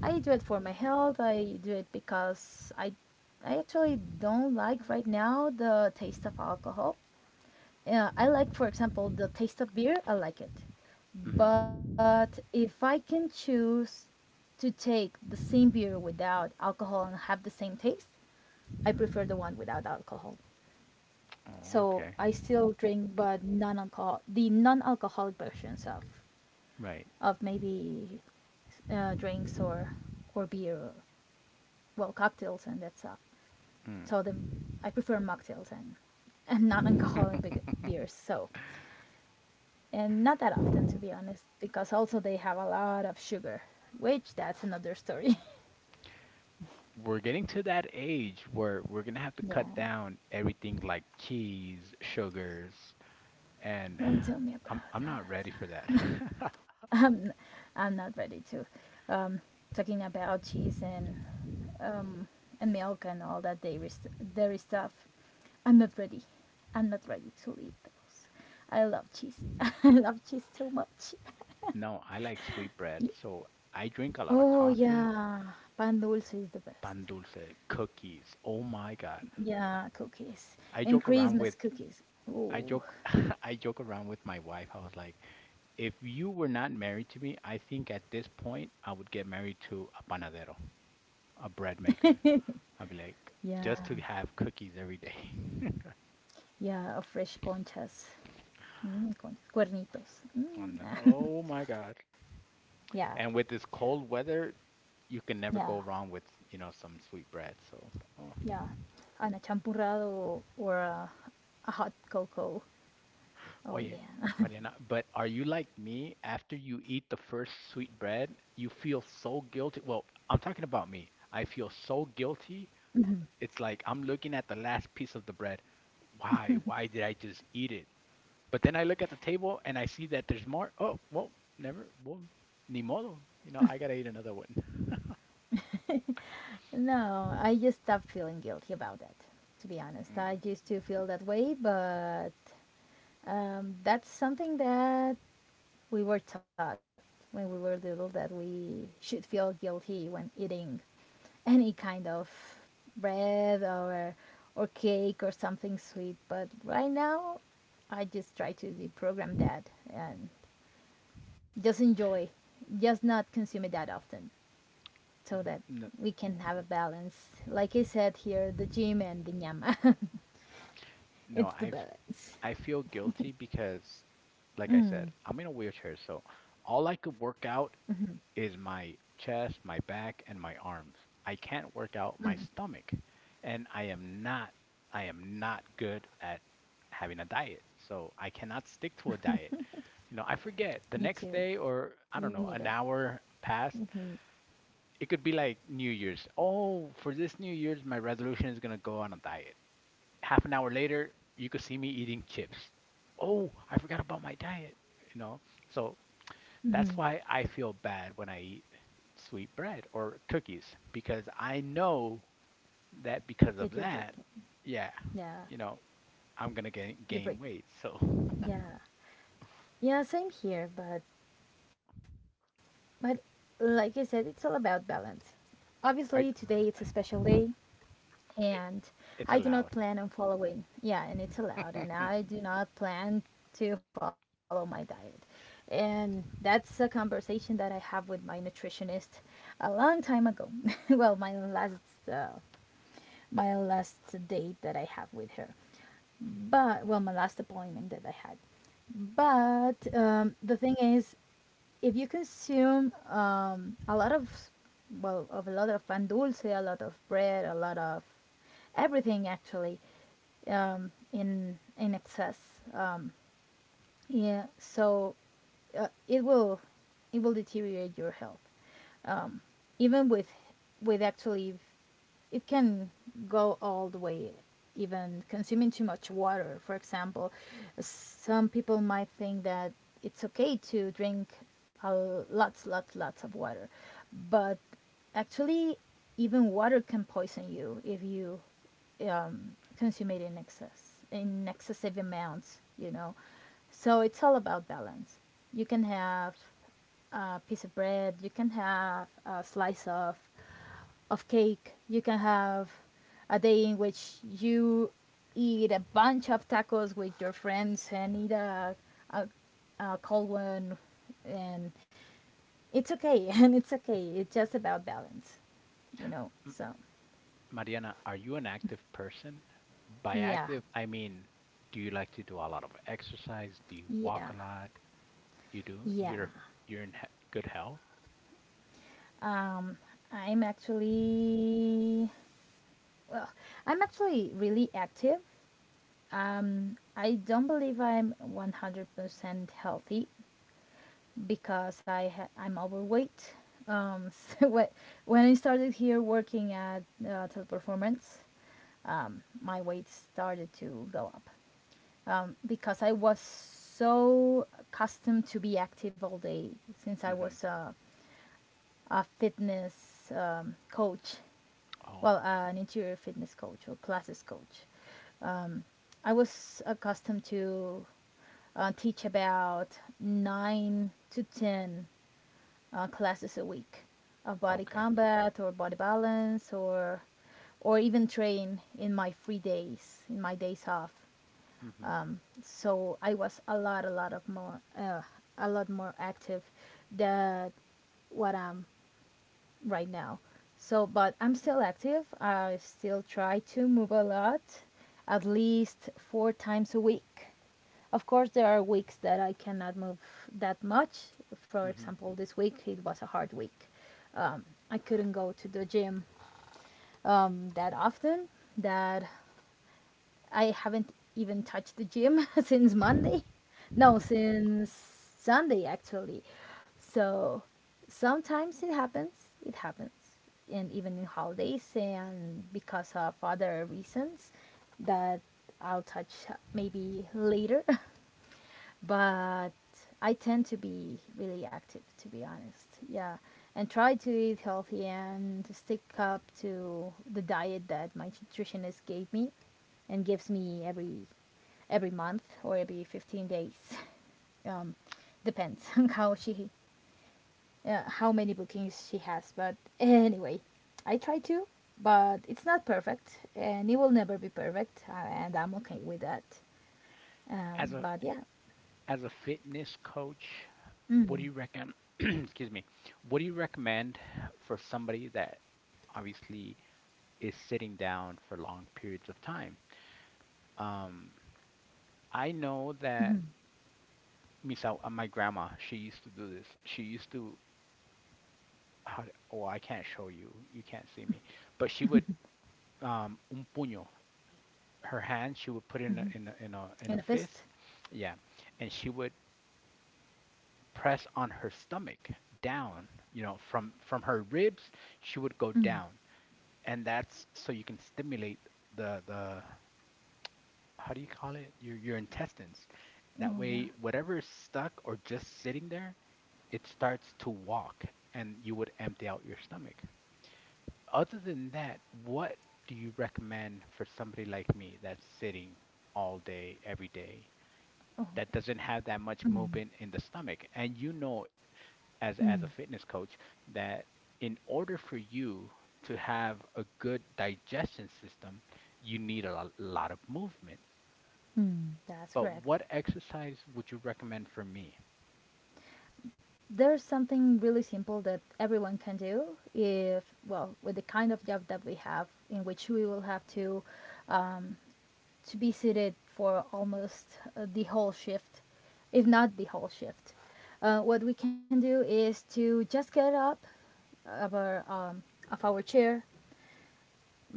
I do it for my health. I do it because I actually don't like right now the taste of alcohol. Yeah, I like, for example, the taste of beer. I like it. Mm. But if I can choose to take the same beer without alcohol and have the same taste, I prefer the one without alcohol. Oh, So I okay. still drink, but the non-alcoholic versions of, Right. of maybe drinks, or beer, or, well, cocktails and that stuff. So Mm. the, I prefer mocktails and non-alcoholic be- beers. So, and not that often, to be honest, because also they have a lot of sugar, which that's another story. We're getting to that age where we're gonna have to Yeah, cut down everything like cheese, sugars, and don't tell me I'm about I'm not that. ready for that. i'm, I'm not ready to um, talking about cheese and um, milk and all that dairy, dairy stuff. i'm not ready I'm not ready to eat those. I love cheese I love cheese too much. No, I like sweet bread, so I drink a lot of Oh, coffee. yeah. Pan dulce is the Pan best. dulce, cookies. Oh my God. Yeah, cookies. I joke And around with Christmas cookies. I joke Oh. I joke around with my wife. I was like, if you were not married to me, I think at this point I would get married to a panadero, a bread maker. I'd be like, Yeah, just to have cookies every day. yeah, a fresh conchas. Mm, conchas, cuernitos. And Mm, then, oh my God. yeah, And with this cold weather, you can never yeah, go wrong with, you know, some sweet bread. So, oh. yeah. And a champurrado or a hot cocoa. Oh yeah. Oh, yeah. Mariana, but are you like me? After you eat the first sweet bread, you feel so guilty. Well, I'm talking about me. I feel so guilty. It's like I'm looking at the last piece of the bread. Why? Why did I just eat it? But then I look at the table and I see that there's more. Oh, well, never. Well, ni modo. You know, I gotta eat another one. No, I just stopped feeling guilty about that, to be honest. Mm, I used to feel that way, but that's something that we were taught when we were little, that we should feel guilty when eating any kind of bread, or cake, or something sweet. But right now, I just try to deprogram that and just enjoy, just not consume it that often, so n- that n- we can have a balance. Like I said here, the gym and the nyama. No, It's the balance. I feel guilty because, like I said, I'm in a wheelchair, so all I could work out is my chest, my back, and my arms. I can't work out my stomach, and I am not good at having a diet. So I cannot stick to a diet. You know, I forget the Me next too. day Me or neither. I don't know, an hour passed. It could be like New Year's. Oh, for this New Year's, my resolution is gonna go on a diet. Half an hour later, you could see me eating chips. Oh, I forgot about my diet. You know, so that's why Mm-hmm. I feel bad when I eat sweet bread or cookies because I know that because of that, That you're breaking. yeah, you know, Yeah, I'm gonna gain weight. you break. So, Yeah, yeah. Same here, but like I said, it's all about balance. I Obviously, today it's a special day, it, and it's allowed. I do not plan on following. Yeah, and it's M- allowed, and I do not plan to follow my diet. And that's a conversation that I have with my nutritionist a long time ago. Well, my last date that I have with her, but well, my last appointment that I had. But the thing is, if you consume a lot of, well of a lot of pan dulce, a lot of bread, a lot of everything actually, in excess, yeah, so uh, it will it will deteriorate your health, um, even with, actually, it can go all the way, even consuming too much water, for example. Some people might think that it's okay to drink a lots, lots, lots of water, but actually, even water can poison you if you um, consume it in excessive amounts, so it's all about balance. You can have a piece of bread. You can have a slice of cake. You can have a day in which you eat a bunch of tacos with your friends and eat a, a cold one, and it's okay. And it's okay. It's just about balance. So Mariana, are you an active person? By yeah, active, I mean, do you like to do a lot of exercise? Do you walk yeah, a lot? You do? yeah. You're in he good health? Um, I'm actually well. I'm actually really active. I don't believe I'm 100% healthy, because I'm overweight. So when I started here working at Teleperformance, my weight started to go up, because I was so accustomed to be active all day, since I was Hmm. a fitness coach, Oh, well, an interior fitness coach or classes coach. I was accustomed to teach about 9 to 10 classes a week of body okay. combat or body balance or even train in my days off, Hmm. so I was a lot more active than what I'm right now. So, but I'm still active. I still try to move a lot, at least 4 times a week. Of course, there are weeks that I cannot move that much. For Hmm. example, this week it was a hard week. I couldn't go to the gym that often. That I haven't even touched the gym since Monday. No, since Sunday actually. So sometimes it happens. It happens. And even in holidays and because of other reasons that I'll touch maybe later. But I tend to be really active, to be honest. Yeah, and try to eat healthy and stick up to the diet that my nutritionist gave me and gives me every month or every 15 days. Um, depends on how many bookings she has. But anyway, I try to, but it's not perfect, and it will never be perfect, and I'm okay with that. As Um, a but yeah, as a fitness coach, what do mm, you reckon? Excuse me. What do you recommend for somebody that obviously is sitting down for long periods of time? Um, I know that Misa, my grandma, she used to do this. She used to, how, d- oh, I can't show you. You can't see me. But she would, un puño, her hand, she would put in a in a fist. fist. Yeah. And she would press on her stomach down, you know, from her ribs, she would go down. And that's so you can stimulate the how do you call it? Your intestines. That Oh, yeah. way whatever is stuck or just sitting there, it starts to walk and you would empty out your stomach. Other than that, what do you recommend for somebody like me that's sitting all day, every day, Oh, that doesn't have that much movement in the stomach? And you know as a fitness coach that in order for you to have a good digestion system, you need a lo- lot of movement. that's But correct. what exercise would you recommend for me? There's something really simple that everyone can do if, well, with the kind of job that we have, in which we will have um, to be seated for almost the whole shift, if not the whole shift. What we can do is to just get up of our chair,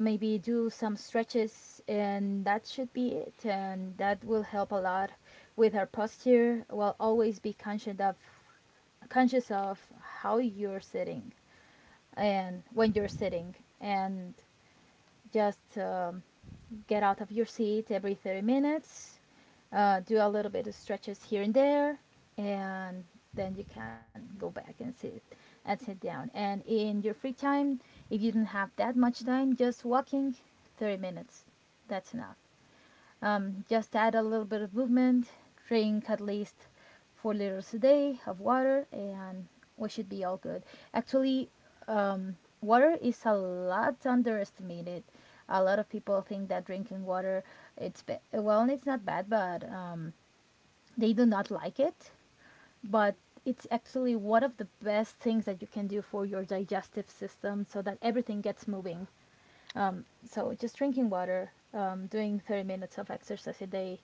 maybe do some stretches, and that should be it, and that will help a lot with our posture, while always be conscious of how you're sitting and when you're sitting, and just get out of your seat every 30 minutes, do a little bit of stretches here and there, and then you can go back and sit down. And in your free time, if you don't have that much time, just walking 30 minutes. That's enough. Just add a little bit of movement, drink at least 4 liters a day of water, and we should be all good. Actually, water is a lot underestimated. A lot of people think that drinking water, well, it's not bad, but they do not like it. But it's actually one of the best things that you can do for your digestive system, so that everything gets moving. So just drinking water, doing 30 minutes of exercise a day,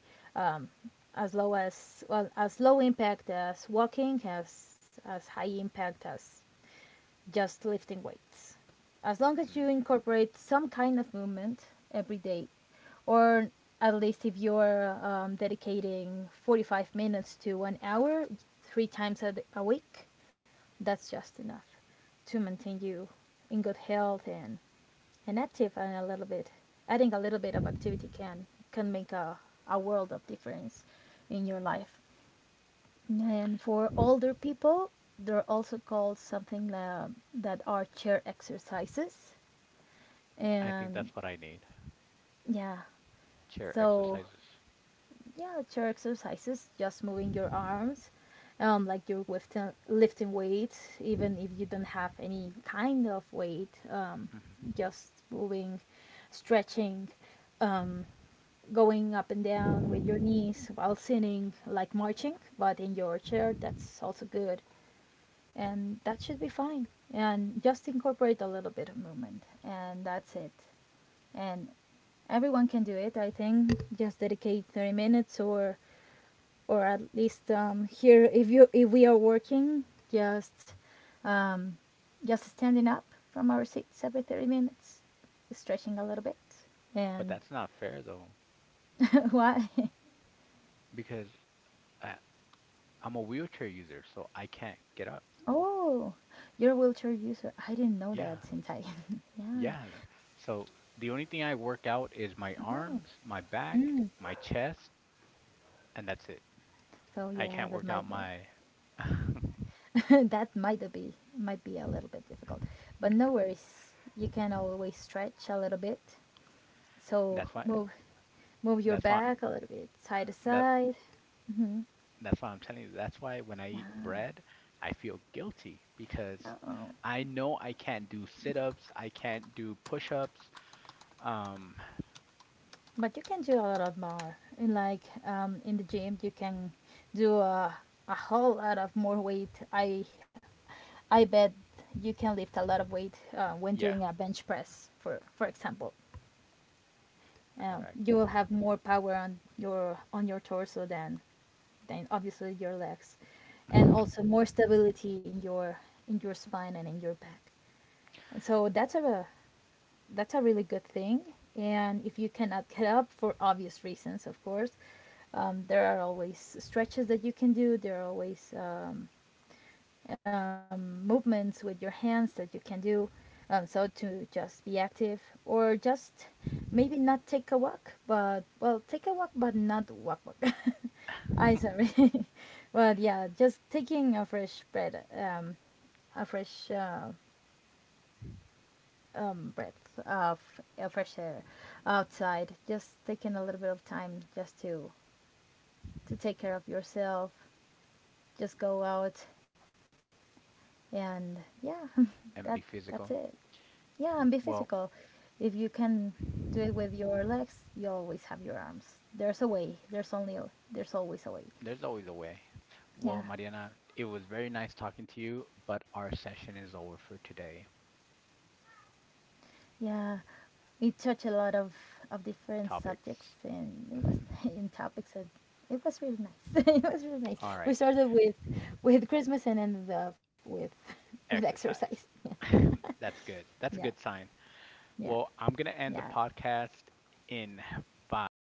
as low as well, as low impact as walking, as high impact as just lifting weights, as long as you Mm, incorporate some kind of movement every day. Or at least, if you're dedicating 45 minutes to an hour three times a week, that's just enough to maintain you in good health, and active, and a little bit adding a little bit of activity can make a world of difference in your life. And for older people, they're also called something, that are chair exercises, I think and that's what I need. yeah, Chair so exercises. yeah, chair exercises, just moving your arms, like you're lifting weights even if you don't have any kind of weight, Mhm. just moving, stretching, going up and down with your knees while sitting, like marching, but in your chair. That's also good. And that should be fine. And just incorporate a little bit of movement, and that's it. And everyone can do it, I think. Just dedicate 30 minutes or, at least, here, if you if we are working, just um, just standing up from our seats every 30 minutes, stretching a little bit. But And that's not fair though, why? because I, I'm a wheelchair user, so I can't get up. Oh, you're a wheelchair user. I didn't know Yeah, that yeah, yeah. So the only thing I work out is my no, no. arms, my back, my chest, and that's it. So I yeah, can't work out my. that might be a little bit difficult, but no worries. You can always stretch a little bit. So That's why. move your That's why. back a little bit side to That. side. That's why I'm telling you. That's why when I eat bread, I feel guilty because No, no. I know I can't do sit-ups. I can't do push-ups. Um. But you can do a lot of more. In the gym, you can do a whole lot of more weight. I bet you can lift a lot of weight when Yeah. doing a bench press, for example. You Correct. will have more power on your torso than obviously your legs, and also more stability in your spine and in your back. So that's a really good thing. And if you cannot get up for obvious reasons, of course, there are always stretches that you can do. There are always movements with your hands that you can do. So, to just be active, or just maybe not take a walk, but well, take a walk, but not walk walk. I sorry, but yeah, just taking a fresh breath of fresh air outside. Just taking a little bit of time just to take care of yourself. Just go out and yeah, that And be that's physical. it. Yeah, and be Well, physical. If you can do it with your legs, you always have your arms. There's a way. There's always a way. there's always a way. Well, Yeah, Mariana, it was very nice talking to you, but our session is over for today. yeah. We touch a lot of different subjects, Topics. and it was in topics, and it was really nice. It was really nice. All We right. started with Christmas and ended up with with exercise. Exercise. That's good. Yeah, That's a good sign. yeah, Well, I'm going to yeah. end the podcast in five,